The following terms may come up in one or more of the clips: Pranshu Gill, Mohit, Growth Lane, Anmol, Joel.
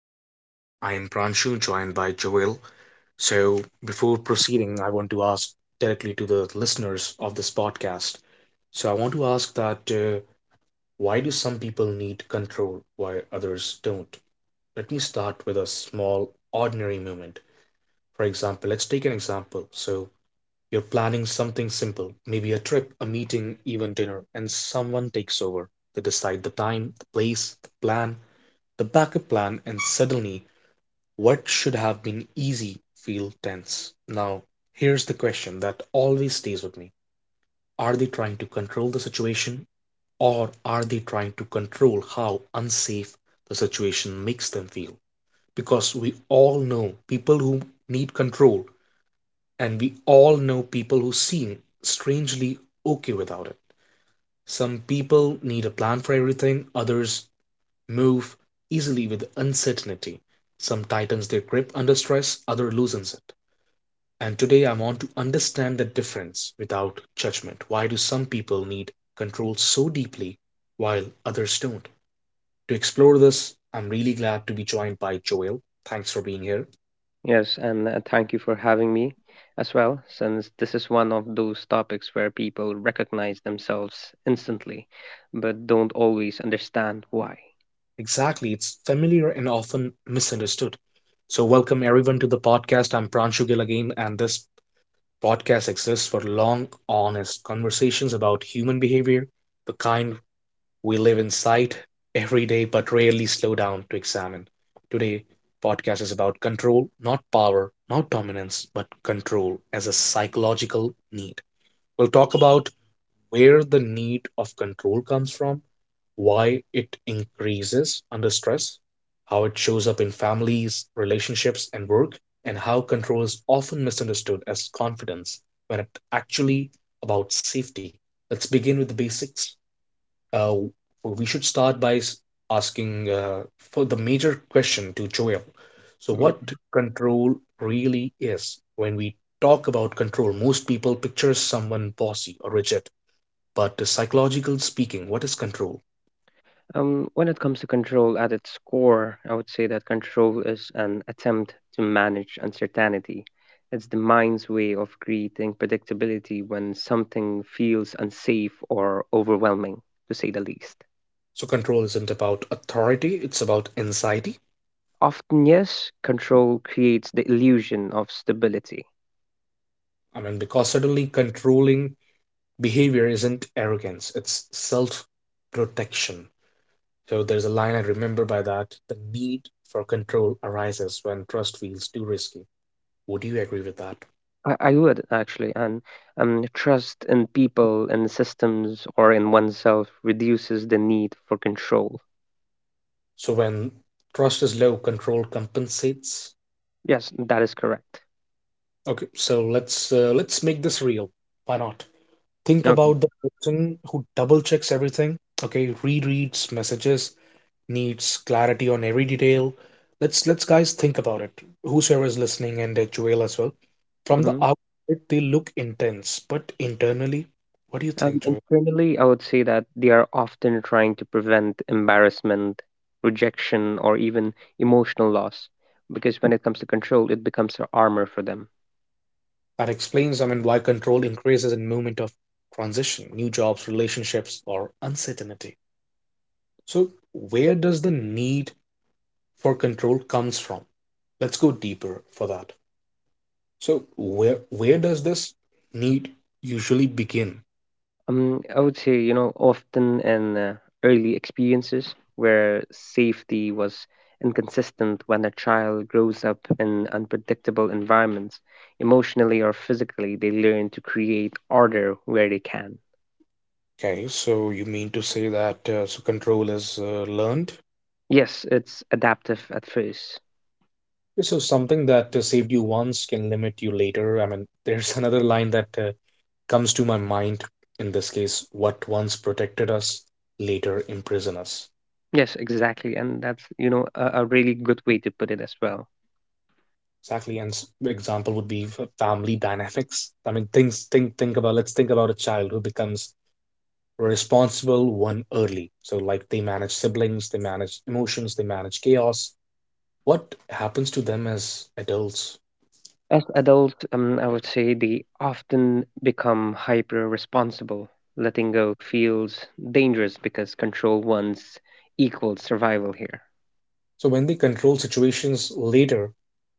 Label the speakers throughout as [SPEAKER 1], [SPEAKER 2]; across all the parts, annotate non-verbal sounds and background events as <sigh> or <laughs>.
[SPEAKER 1] I am Pranshu, joined by Joel. So, Before proceeding, I want to ask directly to the listeners of this podcast. So, I want to ask that why do some people need control while others don't? Let me start with a small, ordinary moment. For example, let's take an example. So, you're planning something simple, maybe a trip, a meeting, even dinner, and someone takes over. They decide the time, the place, the plan, the backup plan and suddenly what should have been easy feel tense. Now, here's the question that always stays with me. Are they trying to control the situation or are they trying to control how unsafe the situation makes them feel? Because we all know people who need control and we all know people who seem strangely okay without it. Some people need a plan for everything, others move easily with uncertainty. Some tightens their grip under stress, others loosens it. And today, I want to understand that difference without judgment. Why do some people need control so deeply while others don't? To explore this, I'm really glad to be joined by Joel. Thanks for being here.
[SPEAKER 2] Yes, and thank you for having me as well, since this is one of those topics where people recognize themselves instantly, but don't always understand why.
[SPEAKER 1] Exactly, it's familiar and often misunderstood. So, welcome everyone to the podcast. I'm Pranshu Gill again, and this podcast exists for long, honest conversations about human behavior, the kind we live in sight every day but rarely slow down to examine. Today, podcast is about control, not power, not dominance, but control as a psychological need. We'll talk about where the need of control comes from, why it increases under stress, how it shows up in families, relationships, and work, and how control is often misunderstood as confidence when it's actually about safety. Let's begin with the basics uh, we should start by asking for the major question to Joel. So,
[SPEAKER 2] Yeah.
[SPEAKER 1] what control really is? When we talk about control, most people picture someone bossy or rigid. But psychologically speaking, what is control?
[SPEAKER 2] When it comes to control at its core, I would say that control is an attempt to manage uncertainty. It's the mind's way of creating predictability when something feels unsafe or overwhelming, to say the least.
[SPEAKER 1] So, control isn't about authority, it's about anxiety.
[SPEAKER 2] Often, yes, control creates the illusion of stability.
[SPEAKER 1] I mean, because suddenly controlling behavior isn't arrogance, it's self protection. So there's a line I remember by that. The need for control arises when trust feels too risky. Would you agree with that?
[SPEAKER 2] I would actually, and trust in people and systems or in oneself reduces the need for control.
[SPEAKER 1] So when trust is low, control compensates.
[SPEAKER 2] Yes, that is correct.
[SPEAKER 1] Okay, so let's make this real. Why not? Think
[SPEAKER 2] Okay.
[SPEAKER 1] about the person who double checks everything. Okay, rereads messages, needs clarity on every detail. Let's guys think about it. Whosoever is listening and Joel as well. From the
[SPEAKER 2] hmm
[SPEAKER 1] outside, they look intense, but internally, what do you think, Joel?
[SPEAKER 2] Internally, I would say that they are often trying to prevent embarrassment, rejection, or even emotional loss, because when it comes to control, it becomes an armor for them.
[SPEAKER 1] That explains, I mean, why control increases in moment of transition, new jobs, relationships, or uncertainty. So where does the need for control comes from? Let's go deeper for that. So where does this need usually begin?
[SPEAKER 2] I would say, you know, often in early experiences where safety was inconsistent when a child grows up in unpredictable environments, emotionally or physically, they learn to create order where they can.
[SPEAKER 1] Okay, so you mean to say that so control is learned?
[SPEAKER 2] Yes, it's adaptive at first.
[SPEAKER 1] So something that saved you once can limit you later. I mean, <laughs> there's another line that comes to my mind in this case, what once protected us later imprison us.
[SPEAKER 2] Yes, exactly. And that's, you know, a really good way to put it as well.
[SPEAKER 1] Exactly, and example would be family dynamics. I mean, things think about let's think about a child who becomes a responsible one early. So like they manage siblings, they manage emotions, they manage chaos. What happens to them as adults?
[SPEAKER 2] As adults, I would say they often become hyper responsible. Letting go feels dangerous because control once equals survival here.
[SPEAKER 1] So when they control situations later,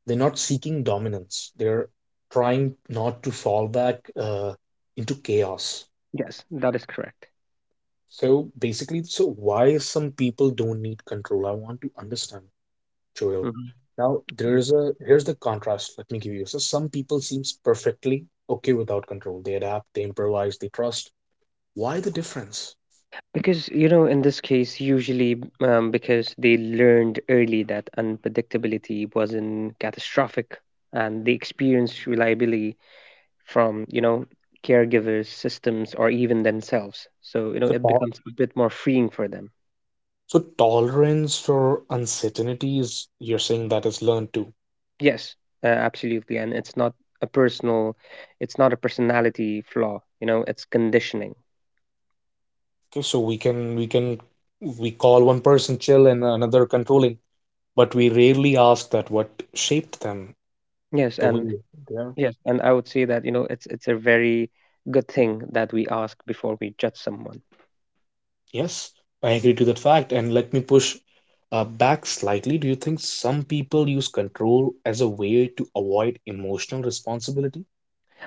[SPEAKER 1] they're not seeking dominance. They're trying not to fall back into chaos.
[SPEAKER 2] Yes, that is correct.
[SPEAKER 1] So basically, so why some people don't need control? I want to understand, Joel.
[SPEAKER 2] Mhm.
[SPEAKER 1] Now there's a here's the contrast. Let me give you. So some people seems perfectly okay without control. They adapt, they improvise, they trust. Why the difference?
[SPEAKER 2] Because, you know, in this case, usually because they learned early that unpredictability wasn't catastrophic and they experienced reliability from, you know, caregivers, systems, or even themselves. So, you know,
[SPEAKER 1] So,
[SPEAKER 2] it
[SPEAKER 1] to-
[SPEAKER 2] becomes a bit more freeing for them.
[SPEAKER 1] so tolerance for uncertainty is you're saying that is learned too.
[SPEAKER 2] Yes, absolutely. And it's not a personal, it's not a personality flaw, you know, it's conditioning.
[SPEAKER 1] Okay, so we can we call one person chill and another controlling, but we rarely ask that what shaped them
[SPEAKER 2] Yes,
[SPEAKER 1] the
[SPEAKER 2] and
[SPEAKER 1] way they are.
[SPEAKER 2] yes, and I would say that, you know, it's a very good thing that we ask before we judge someone.
[SPEAKER 1] Yes, I agree to that fact. And let me push back slightly. Do you think some people use control as a way to avoid emotional responsibility?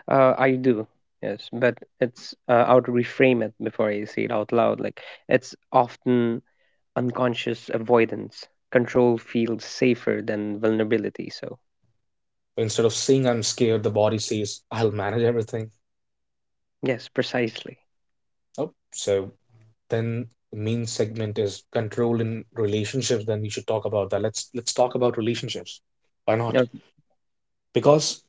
[SPEAKER 2] I do. Yes, but it's I would reframe it before I say it out loud. Like it's often unconscious avoidance. Control feels safer than vulnerability. So
[SPEAKER 1] Instead of saying I'm scared, the body says I'll manage everything.
[SPEAKER 2] yes, precisely.
[SPEAKER 1] Oh, so then the main segment is control in relationships. Then we should talk about that. Let's talk about relationships. Why not?
[SPEAKER 2] No,
[SPEAKER 1] Because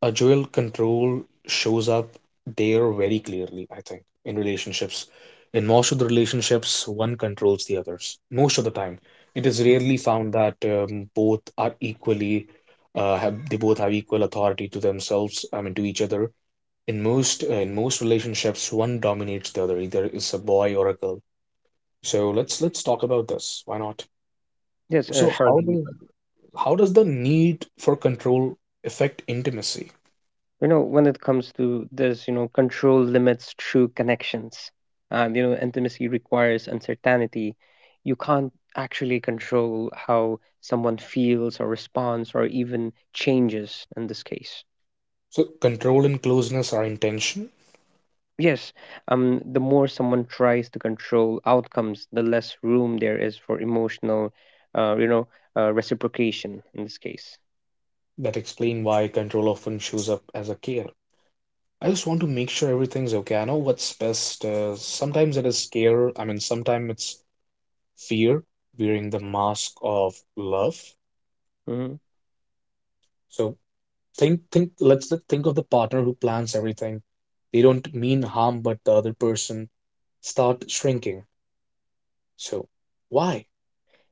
[SPEAKER 1] a dual control shows up there very clearly, I think. In relationships, in most of the relationships, one controls the others most of the time. It is rarely found that both are equally have they both have equal authority to themselves, I mean to each other. In most relationships one dominates the other, either it's a boy or a girl. So let's talk about this, why not?
[SPEAKER 2] yes,
[SPEAKER 1] So
[SPEAKER 2] sure.
[SPEAKER 1] how does the need for control affect intimacy?
[SPEAKER 2] You know, when it comes to this, you know, control limits true connections, and you know, intimacy requires uncertainty. You can't actually control how someone feels or responds or even changes in this case.
[SPEAKER 1] So control and closeness are intention.
[SPEAKER 2] Yes, the more someone tries to control outcomes, the less room there is for emotional uh, you know reciprocation in this case.
[SPEAKER 1] That explain why control often shows up as a care. I just want to make sure everything's okay. I know what's best. Sometimes it is care. I mean, sometimes it's fear wearing the mask of love.
[SPEAKER 2] Mm-hmm.
[SPEAKER 1] So think, think. Let's th- think of the partner who plans everything. They don't mean harm, but the other person start shrinking. So why?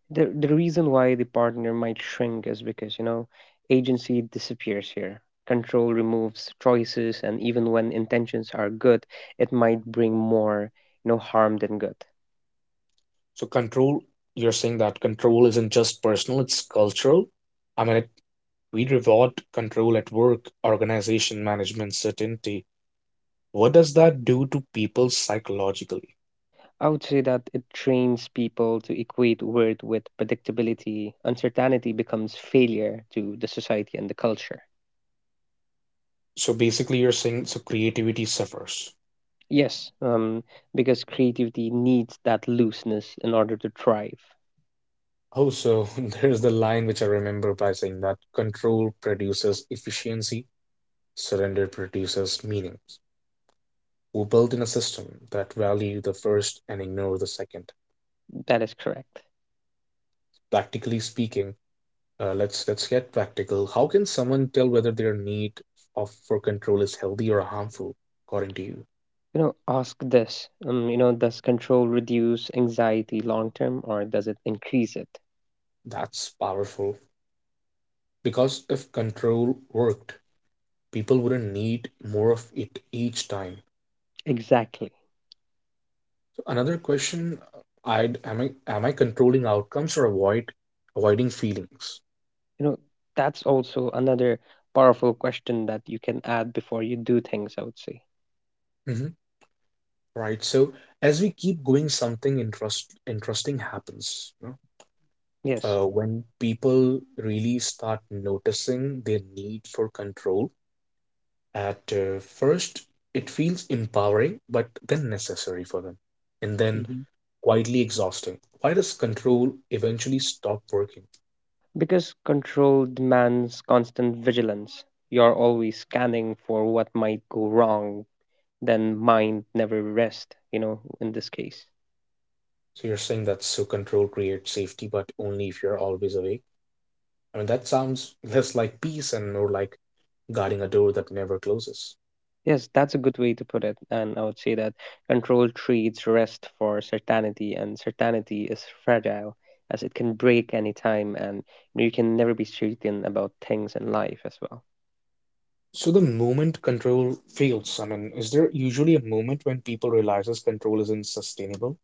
[SPEAKER 2] The reason why the partner might shrink is because, you know, agency disappears here. Control removes choices, and even when intentions are good, it might bring more, you know, harm than good.
[SPEAKER 1] So control. You're saying that control isn't just personal; it's cultural. I mean, it We reward control at work, organization management, certainty. What does that do to people psychologically?
[SPEAKER 2] I would say that it trains people to equate worth with predictability. Uncertainty becomes failure to the society and the culture.
[SPEAKER 1] So basically, you're saying so creativity suffers.
[SPEAKER 2] Yes, because creativity needs that looseness in order to thrive.
[SPEAKER 1] Oh, so <laughs> there's the line which I remember by saying that control produces efficiency, surrender produces meaning. We built in a system that value the first and ignore the second.
[SPEAKER 2] That is correct.
[SPEAKER 1] Practically speaking, let's get practical. How can someone tell whether their need of for control is healthy or harmful, according to you?
[SPEAKER 2] You know, ask this. You know, does control reduce anxiety long term or does it increase it?
[SPEAKER 1] That's powerful. Because if control worked, people wouldn't need more of it each time.
[SPEAKER 2] Exactly.
[SPEAKER 1] So another question, I'd am I controlling outcomes or avoiding feelings?
[SPEAKER 2] You know, that's also another powerful question that you can add before you do things, I would say.
[SPEAKER 1] Mhm. Right. So as we keep going, something interesting happens, you know.
[SPEAKER 2] Yes.
[SPEAKER 1] When people really start noticing their need for control, at first it feels empowering, but then necessary for them, and then
[SPEAKER 2] hmm
[SPEAKER 1] quietly exhausting. Why does control eventually stop working?
[SPEAKER 2] Because control demands constant vigilance. You're always scanning for what might go wrong, then mind never rest, you know, in this case.
[SPEAKER 1] So you're saying that so control creates safety but only if you're always awake. I mean that sounds <laughs> less like peace and more like guarding a door that never closes.
[SPEAKER 2] Yes, that's a good way to put it. And I would say that control treats rest for certainty, and certainty is fragile as it can break any time, and you can never be certain about things in life as well.
[SPEAKER 1] So the moment control fails, I mean, is there usually a moment when people realizes control isn't sustainable?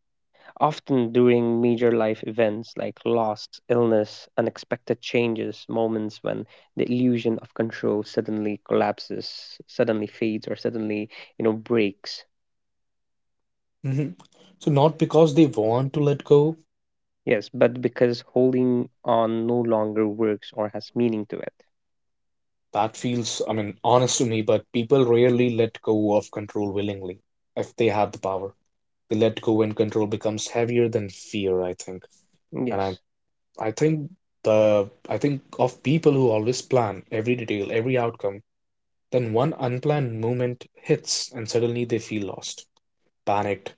[SPEAKER 2] Often during major life events like loss, illness, unexpected changes, moments when the illusion of control suddenly collapses, suddenly fades, or suddenly, you know, breaks.
[SPEAKER 1] Hmm. So not because they want to let go.
[SPEAKER 2] Yes, but because holding on no longer works or has meaning to it.
[SPEAKER 1] That feels, I mean, honest to me, but people rarely let go of control willingly if they have the power. They let go when control becomes heavier than fear, I think. And I,
[SPEAKER 2] Yes.
[SPEAKER 1] I think I think of people who always plan every detail, every outcome. Then one unplanned moment hits, and suddenly they feel lost, panicked,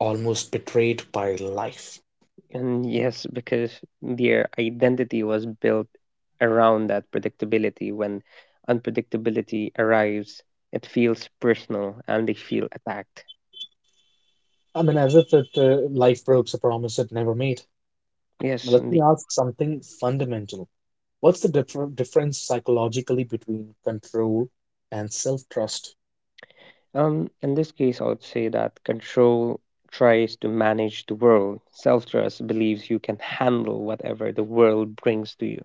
[SPEAKER 1] almost betrayed by life.
[SPEAKER 2] And yes, because their identity was built around that predictability. When unpredictability arrives, it feels personal and they feel attacked.
[SPEAKER 1] I mean, as if life breaks a promise it never made.
[SPEAKER 2] Yes,
[SPEAKER 1] Let me
[SPEAKER 2] indeed.
[SPEAKER 1] ask something fundamental. What's the difference psychologically between control and self-trust?
[SPEAKER 2] In this case, I would say that control tries to manage the world. Self trust believes you can handle whatever the world brings to you.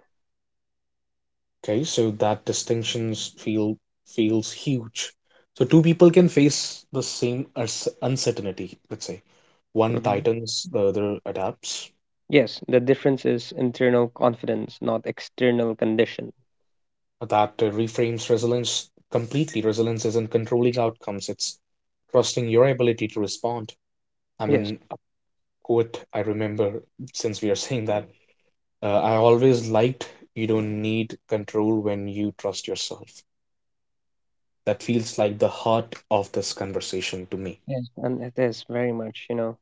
[SPEAKER 1] Okay, so that distinctions feels huge. So two people can face the same uncertainty, let's say. One
[SPEAKER 2] Mhm.
[SPEAKER 1] tightens, the other adapts.
[SPEAKER 2] Yes, the difference is internal confidence, not external condition.
[SPEAKER 1] That reframes resilience completely. Resilience isn't controlling outcomes, it's trusting your ability to respond. I
[SPEAKER 2] Yes,
[SPEAKER 1] mean, a quote I remember since we are saying that I always liked you don't need control when you trust yourself. That feels like the heart of this conversation to me.
[SPEAKER 2] yes, and it is very much, you know.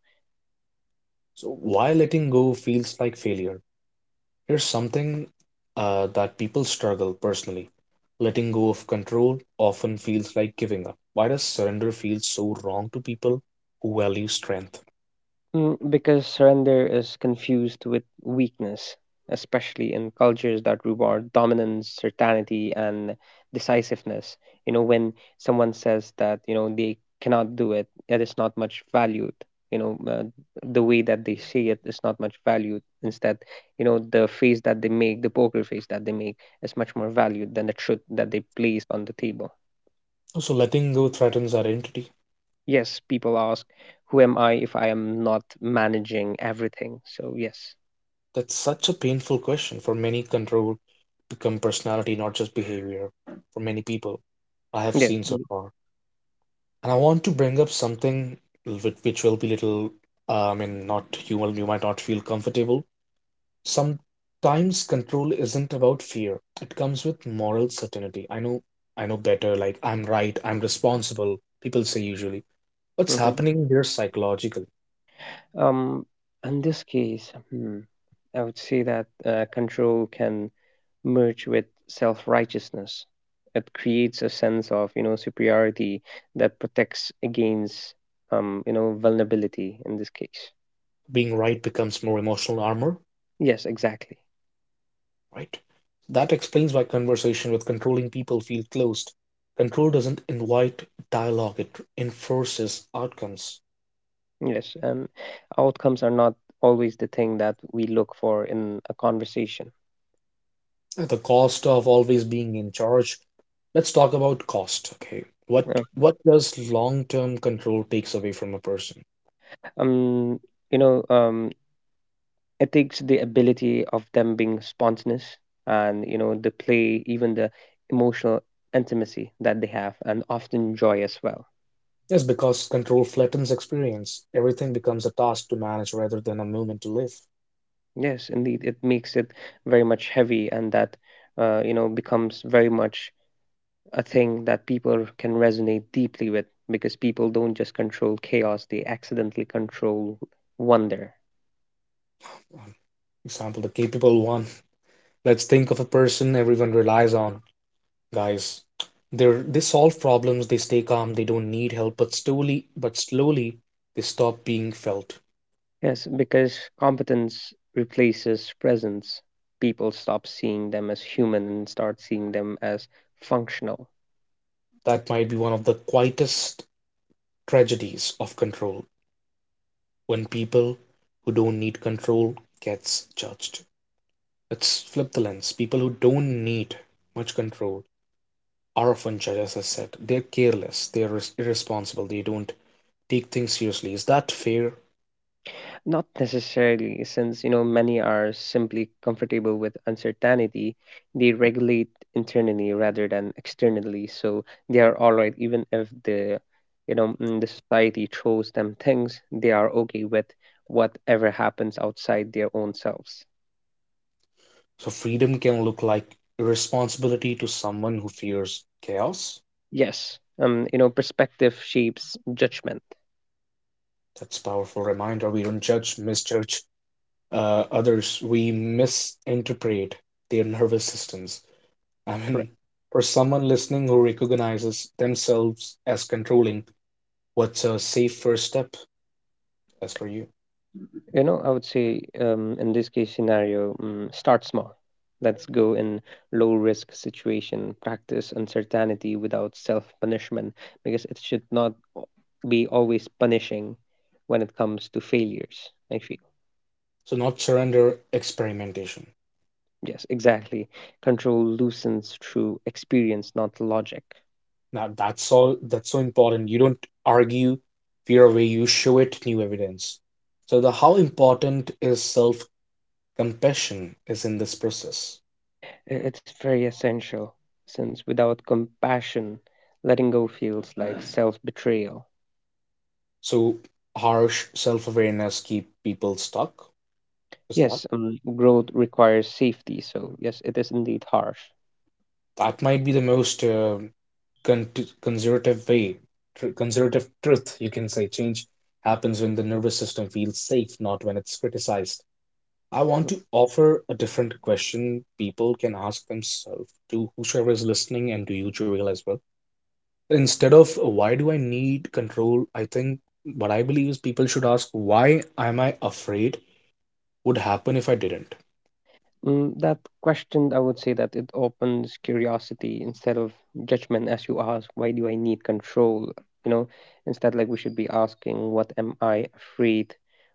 [SPEAKER 1] So, why letting go feels like failure? Here's something that people struggle personally. Letting go of control often feels like giving up. Why does surrender feel so wrong to people who value strength?
[SPEAKER 2] Mm, because surrender is confused with weakness, especially in cultures that reward dominance, certainty, and decisiveness. You know, when someone says that, you know, they cannot do it, it is not much valued. You know, the way that they see it is not much valued. Instead, you know, the face that they make, the poker face that they make, is much more valued than the truth that they place on the table.
[SPEAKER 1] So, letting go threatens our identity.
[SPEAKER 2] Yes, people ask, who am I if I am not managing everything? So, yes.
[SPEAKER 1] That's such a painful question for many. Control become personality, not just behavior, for many people I have
[SPEAKER 2] Yeah.
[SPEAKER 1] seen so far. And I want to bring up something which will be little, I mean, not you will, you might not feel comfortable. Sometimes control isn't about fear. It comes with moral certainty. I know better. Like I'm right. I'm responsible. People say usually. What's
[SPEAKER 2] Mm-hmm.
[SPEAKER 1] happening here psychologically?
[SPEAKER 2] Um, in this case, I would say that control can merge with self-righteousness. It creates a sense of, you know, superiority that protects against, you know, vulnerability in this case.
[SPEAKER 1] Being right becomes more emotional armor,
[SPEAKER 2] Yes, exactly.
[SPEAKER 1] right? That explains why conversation with controlling people feel closed. Control doesn't invite dialogue, it enforces outcomes.
[SPEAKER 2] Yes, and outcomes are not always the thing that we look for in a conversation.
[SPEAKER 1] At the cost of always being in charge, let's talk about cost, okay?
[SPEAKER 2] Uh,
[SPEAKER 1] What does long-term control takes away from a person?
[SPEAKER 2] Um, you know, ethics, the ability of them being spontaneous and, you know, the play, even the emotional intimacy that they have, and often joy as well.
[SPEAKER 1] Yes, because control flattens experience. Everything becomes a task to manage rather than a moment to live.
[SPEAKER 2] Yes, indeed, it makes it very much heavy, and that, you know, becomes very much a thing that people can resonate deeply with because people don't just control chaos, they accidentally control wonder.
[SPEAKER 1] Um, Example, the capable one. Let's think of a person everyone relies on, guys. They solve problems, they stay calm, they don't need help, but slowly, they stop being felt.
[SPEAKER 2] Yes, because competence replaces presence. People stop seeing them as human and start seeing them as functional.
[SPEAKER 1] That might be one of the quietest tragedies of control, when people who don't need control gets judged. Let's flip the lens. People who don't need much control are often judged, as I said. They're careless, they're irresponsible, they don't take things seriously. Is that fair?
[SPEAKER 2] Not necessarily, since you know many are simply comfortable with uncertainty. They regulate internally rather than externally, so they are all right, even if the you know the society throws them things. They are okay with whatever happens outside their own selves.
[SPEAKER 1] So freedom can look like irresponsibility to someone who fears chaos.
[SPEAKER 2] Yes, you know, perspective shapes judgment.
[SPEAKER 1] That's a powerful reminder. We don't misjudge others. We misinterpret their nervous systems. I mean,
[SPEAKER 2] Correct.
[SPEAKER 1] for someone listening who recognizes themselves as controlling, what's a safe first step as for you?
[SPEAKER 2] You know, I would say in this case scenario, start small. Let's go in low risk situation, practice uncertainty without self punishment because it should not be always punishing when it comes to failures. I feel.
[SPEAKER 1] So not surrender, experimentation.
[SPEAKER 2] Yes, exactly. Control loosens through experience, not logic.
[SPEAKER 1] Now that's all that's so important. You don't argue fear away, you show it new evidence. So the how important is self compassion is in this process.
[SPEAKER 2] It's very essential since without compassion, letting go feels like <sighs> self betrayal.
[SPEAKER 1] So harsh self-awareness keep people stuck. Is that,
[SPEAKER 2] Yes, growth requires safety, so yes, it is indeed harsh.
[SPEAKER 1] that might be the most con- conservative way, conservative truth, you can say. Change happens when the nervous system feels safe, not when it's criticized. I want to offer a different question people can ask themselves, to whosoever is listening and to you, Joel, as well. Instead of why do I need control, I think what I believe is people should ask, why am I afraid would happen if I didn't?
[SPEAKER 2] Mm, that question, I would say that it opens curiosity instead of judgment as you ask, why do I need control? You know, instead, like we should be asking, what am I afraid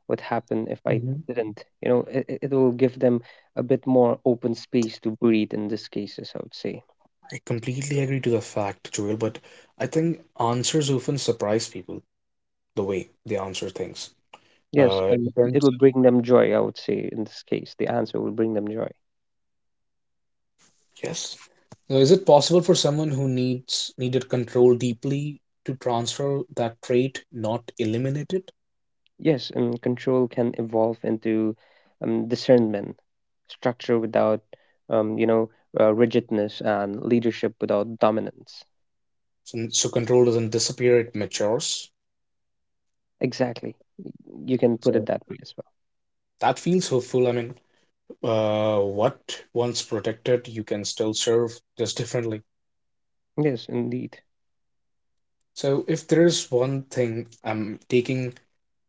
[SPEAKER 2] would happen if I didn't? You know, it will give them a bit more open space to breathe in these cases, I would say.
[SPEAKER 1] I completely agree to the fact, Joel, but I think answers often surprise people, the way they answer things.
[SPEAKER 2] Yes,
[SPEAKER 1] It
[SPEAKER 2] it
[SPEAKER 1] depends.
[SPEAKER 2] will bring them joy, I would say, in this case. The answer will bring them joy.
[SPEAKER 1] Yes. So is it possible for someone who needs needed control deeply to transfer that trait, not eliminate it?
[SPEAKER 2] Yes, and control can evolve into discernment, structure without, you know, rigidness, and leadership without dominance.
[SPEAKER 1] So, so control doesn't disappear, it matures.
[SPEAKER 2] Exactly. You can put it
[SPEAKER 1] So
[SPEAKER 2] that way as
[SPEAKER 1] that feels hopeful. What once protected, you can still serve, just differently.
[SPEAKER 2] well. Yes, indeed.
[SPEAKER 1] So if there is one thing I'm taking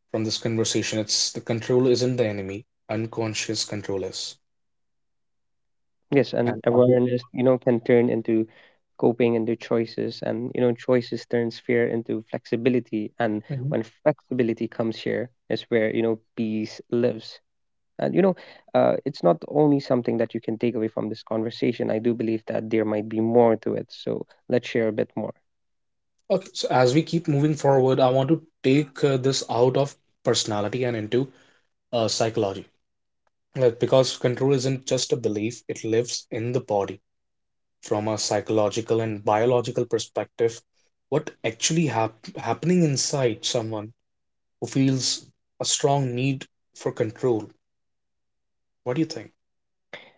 [SPEAKER 1] from this conversation, it's the control isn't the enemy, unconscious control is.
[SPEAKER 2] Yes, and
[SPEAKER 1] and Abhi-
[SPEAKER 2] awareness, you know, can turn into coping into choices, and you know, choices turns fear into flexibility, and
[SPEAKER 1] Mhm.
[SPEAKER 2] when flexibility comes here, is where you know peace lives. And you know, it's not only something that you can take away from this conversation. I do believe that there might be more to it. So let's share a bit more.
[SPEAKER 1] Okay, so as we keep moving forward, I want to take this out of personality and into psychology, like, because control isn't just a belief, it lives in the body. From a psychological and biological perspective, what actually happening inside someone who feels a strong need for control? What do you think?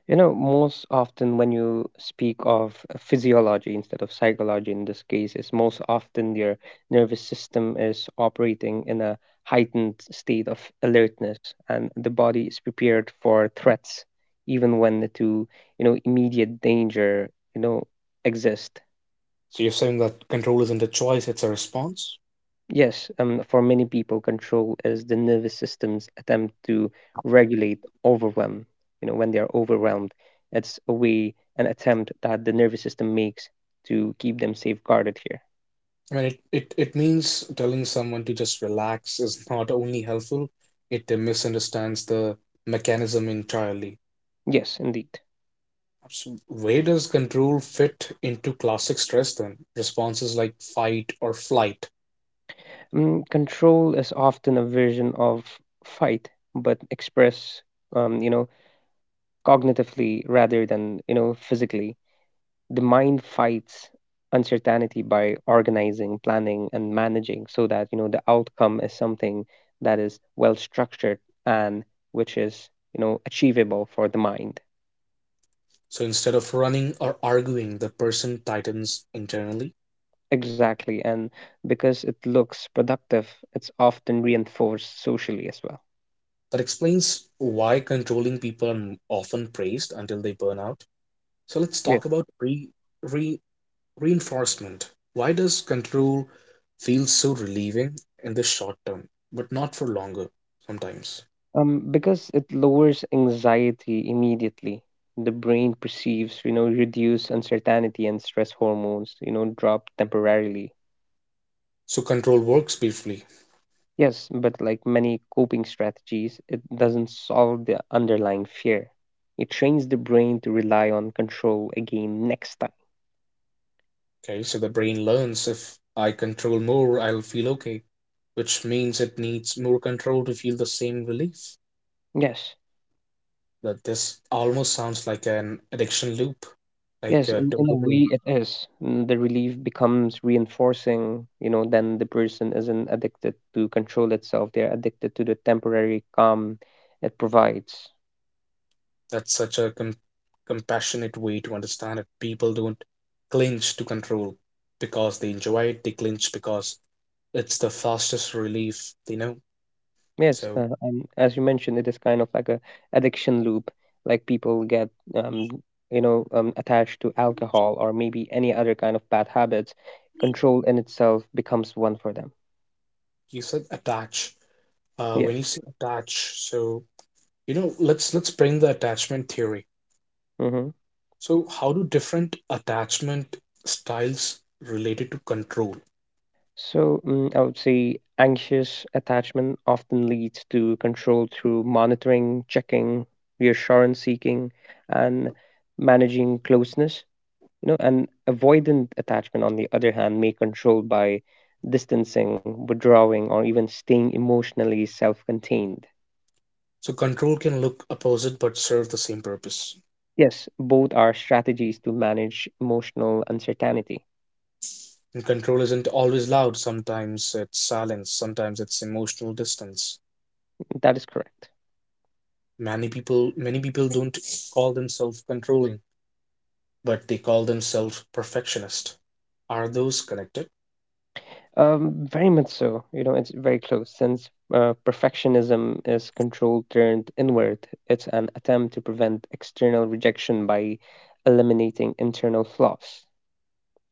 [SPEAKER 2] You know, most often when you speak of physiology instead of psychology in this case, is most often your nervous system is operating in a heightened state of alertness and the body is prepared for threats, even when the two, you know, immediate danger, you know, exist.
[SPEAKER 1] So you're saying that control isn't a choice, it's a response.
[SPEAKER 2] Yes, for many people, control is the nervous system's attempt to regulate overwhelm. You know, when they are overwhelmed, it's a way, an attempt that the nervous system makes to keep them safeguarded here.
[SPEAKER 1] I mean, it means telling someone to just relax is not only helpful, it misunderstands the mechanism entirely.
[SPEAKER 2] Yes, indeed.
[SPEAKER 1] Absolutely. Where does control fit into classic stress then? Responses like fight or flight.
[SPEAKER 2] Control is often a version of fight, but express, you know, cognitively rather than, you know, physically. The mind fights uncertainty by organizing, planning, and managing so that you know the outcome is something that is well structured and which is you know achievable for the mind.
[SPEAKER 1] So instead of running or arguing, the person tightens internally.
[SPEAKER 2] Exactly, and because it looks productive, it's often reinforced socially as well.
[SPEAKER 1] That explains why controlling people are often praised until they burn out. So let's
[SPEAKER 2] Yeah,
[SPEAKER 1] talk about re, reinforcement. Why does control feel so relieving in the short term, but not for longer sometimes?
[SPEAKER 2] because it lowers anxiety immediately. The brain perceives, you know, reduced uncertainty and stress hormones, you know, drop temporarily.
[SPEAKER 1] So control works briefly.
[SPEAKER 2] Yes, but like many coping strategies, it doesn't solve the underlying fear. It trains the brain to rely on control again next time.
[SPEAKER 1] Okay, so the brain learns, if I control more, I'll feel okay, which means it needs more control to feel the same relief.
[SPEAKER 2] Yes,
[SPEAKER 1] That this almost sounds like an addiction loop, like
[SPEAKER 2] yes, in a way
[SPEAKER 1] dopamine.
[SPEAKER 2] it is. Mm, the relief becomes reinforcing, you know, then the person isn't addicted to control itself. They're addicted to the temporary calm it provides.
[SPEAKER 1] That's such a compassionate way to understand it. People don't clinch to control because they enjoy it, they clinch because it's the fastest relief they know.
[SPEAKER 2] Yes,
[SPEAKER 1] So
[SPEAKER 2] and as you mentioned, it is kind of like a addiction loop. Like people get, um, you know, attached to alcohol or maybe any other kind of bad habits. Control in itself becomes one for them.
[SPEAKER 1] you said attach.
[SPEAKER 2] Yes.
[SPEAKER 1] When you say attach, so you know, let's bring the attachment theory.
[SPEAKER 2] hmm
[SPEAKER 1] So how do different attachment styles related to control?
[SPEAKER 2] So I would say anxious attachment often leads to control through monitoring, checking, reassurance seeking, and managing closeness. You know, and avoidant attachment on the other hand may control by distancing, withdrawing, or even staying emotionally self-contained.
[SPEAKER 1] So control can look opposite but serve the same purpose.
[SPEAKER 2] Yes, both are strategies to manage emotional uncertainty.
[SPEAKER 1] And control isn't always loud. Sometimes it's silence. Sometimes it's emotional distance.
[SPEAKER 2] That is correct.
[SPEAKER 1] Many people don't call themselves controlling, but they call themselves perfectionist. Are those connected?
[SPEAKER 2] Very much so, you know, it's very close since perfectionism is control turned inward. It's an attempt to prevent external rejection by eliminating internal flaws.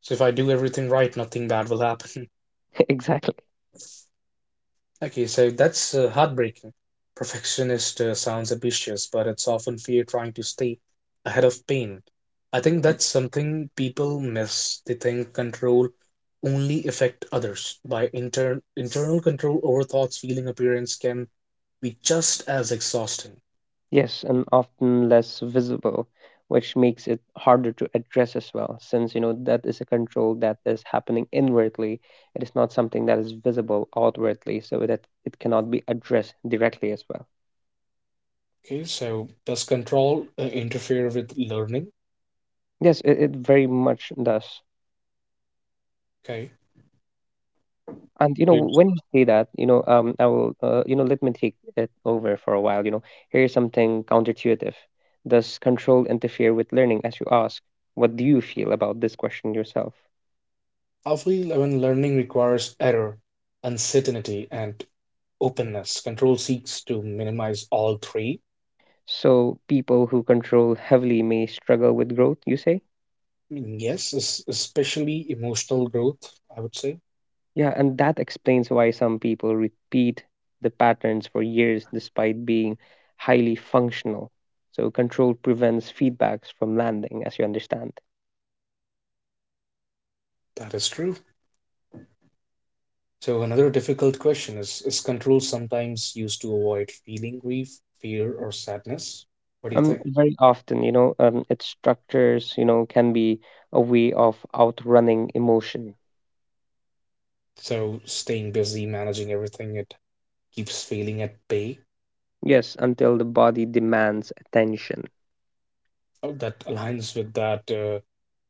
[SPEAKER 1] So if I do everything right, nothing bad will happen.
[SPEAKER 2] <laughs> Exactly.
[SPEAKER 1] Okay, so that's heartbreaking. Perfectionist sounds ambitious, but it's often fear trying to stay ahead of pain. I think that's something people miss. They think control only affect others. By internal control over thoughts, feeling, appearance can be just as exhausting.
[SPEAKER 2] Yes, and often less visible, which makes it harder to address as well, since you know that is a control that is happening inwardly. It is not something that is visible outwardly, so that it cannot be addressed directly as well.
[SPEAKER 1] Okay, so does control interfere with learning?
[SPEAKER 2] Yes, it very much does.
[SPEAKER 1] Okay,
[SPEAKER 2] And you know,
[SPEAKER 1] here's-
[SPEAKER 2] when you say that, you know, I will, you know, let me take it over for a while. You know, here's something counterintuitive. Does control interfere with learning? As you ask, what do you feel about this question yourself?
[SPEAKER 1] I feel when learning requires error, uncertainty, and openness. Control seeks to minimize all three.
[SPEAKER 2] So people who control heavily may struggle with growth, you say?
[SPEAKER 1] Mm, yes, especially emotional growth, I would say.
[SPEAKER 2] Yeah, and that explains why some people repeat the patterns for years despite being highly functional. So control prevents feedbacks from landing, as you understand.
[SPEAKER 1] That is true. So, another difficult question is control sometimes used to avoid feeling grief, fear, or sadness? What do you think?
[SPEAKER 2] Very often, you know, its structures, you know, can be a way of outrunning emotion.
[SPEAKER 1] So, staying busy, managing everything, it keeps feeling at bay.
[SPEAKER 2] Yes, until the body demands attention.
[SPEAKER 1] Oh, that aligns with that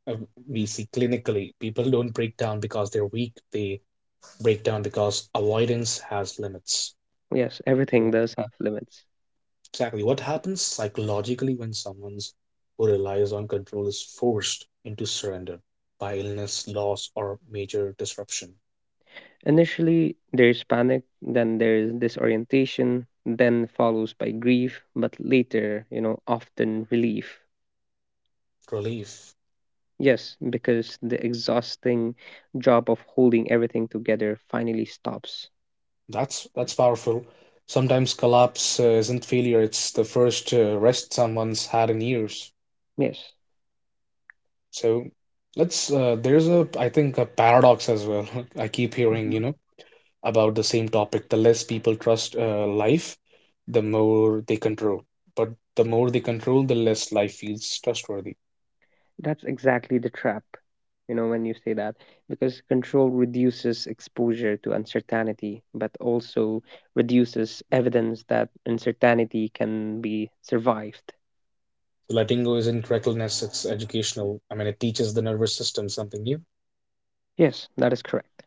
[SPEAKER 1] uh, we see clinically. People don't break down because they're weak, they break down because avoidance has limits.
[SPEAKER 2] Yes, everything
[SPEAKER 1] So
[SPEAKER 2] does have limits.
[SPEAKER 1] exactly. What happens psychologically when someone's who relies on control is forced into surrender by illness, loss, or major disruption?
[SPEAKER 2] Initially, there's panic, then there's disorientation, then follows by grief, but later, you know, often relief.
[SPEAKER 1] Relief.
[SPEAKER 2] Yes, because the exhausting job of holding everything together finally stops.
[SPEAKER 1] That's powerful. Sometimes collapse isn't failure; it's the first rest someone's had in years.
[SPEAKER 2] Yes,
[SPEAKER 1] So let's. There's a, I think, a paradox as well. <laughs> I keep
[SPEAKER 2] Mhm.
[SPEAKER 1] hearing, you know, about the same topic. The less people trust life, the more they control. But the more they control, the less life feels trustworthy.
[SPEAKER 2] That's exactly the trap, you know, when you say that, because control reduces exposure to uncertainty, but also reduces evidence that uncertainty can be survived.
[SPEAKER 1] So letting go isn't recklessness, it's educational. I mean, it teaches the nervous system something new.
[SPEAKER 2] Yes, that is correct.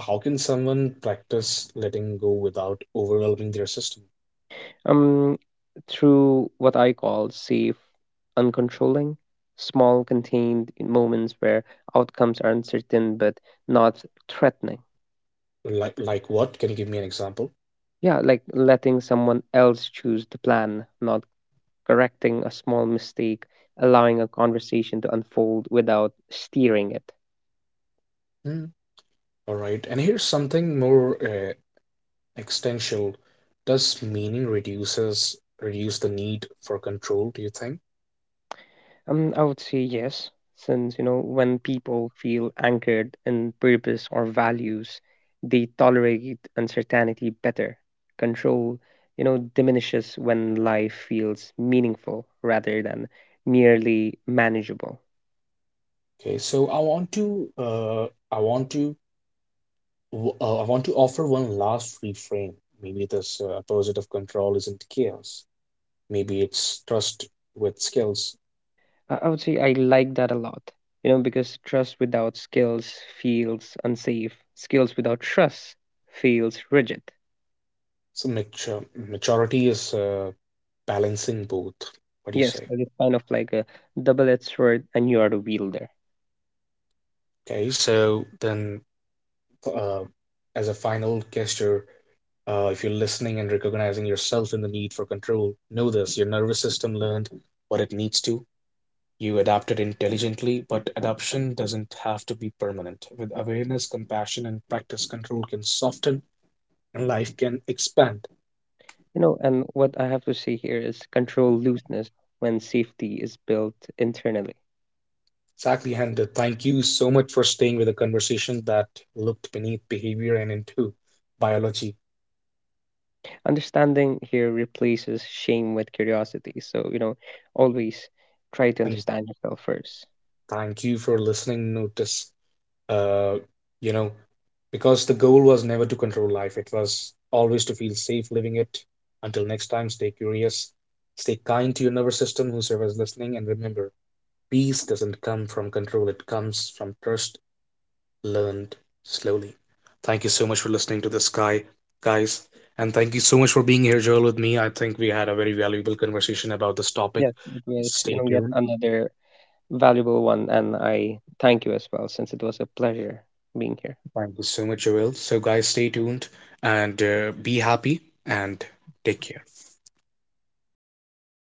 [SPEAKER 1] How can someone practice letting go without overwhelming their system?
[SPEAKER 2] um, Through what I call safe, uncontrolling, small, contained moments where outcomes are uncertain but not threatening.
[SPEAKER 1] Like what? Can you give me an example?
[SPEAKER 2] Yeah, like letting someone else choose the plan, not correcting a small mistake, allowing a conversation to unfold without steering it.
[SPEAKER 1] Hmm. All right. And here's something more existential. Does meaning reduce the need for control, do you think?
[SPEAKER 2] I would say yes, since you know when people feel anchored in purpose or values, they tolerate uncertainty better. Control, you know, diminishes when life feels meaningful rather than merely manageable.
[SPEAKER 1] Okay, so I want to I want to I want to offer one last reframe. Maybe this opposite of control isn't chaos. Maybe it's trust with skills.
[SPEAKER 2] I would say I like that a lot. You know, because trust without skills feels unsafe. Skills without trust feels rigid.
[SPEAKER 1] So mature, maturity is balancing both. What do you
[SPEAKER 2] Yes,
[SPEAKER 1] say?
[SPEAKER 2] that is kind of like a double-edged sword, and you are the wielder.
[SPEAKER 1] Okay, so then uh, as a final gesture, if you're listening and recognizing yourself in the need for control, know this, your nervous system learned what it needs to. You adapted intelligently, but adoption doesn't have to be permanent. With awareness, compassion, and practice, control can soften and life can expand.
[SPEAKER 2] You know, and what I have to say here is control looseness when safety is built internally.
[SPEAKER 1] Exactly, and thank you so much for staying with a conversation that looked beneath behavior and into biology.
[SPEAKER 2] Understanding here replaces shame with curiosity. So, you know, always try to
[SPEAKER 1] And
[SPEAKER 2] understand yourself first.
[SPEAKER 1] thank you for listening. Notice, uh, you know, because the goal was never to control life, it was always to feel safe living it. Until next time, stay curious, stay kind to your nervous system, whosoever's listening, and remember, peace doesn't come from control, it comes from trust learned slowly. Thank you so much for listening to this guys. And thank you so much for being here, Joel, with me. I think we had a very valuable conversation about this topic.
[SPEAKER 2] Yes, it was, you
[SPEAKER 1] Stay
[SPEAKER 2] know, yet
[SPEAKER 1] tuned.
[SPEAKER 2] another valuable one. And I thank you as well, since it was a pleasure being here.
[SPEAKER 1] Thank you so much, Joel. So, guys, stay tuned and be happy and take care.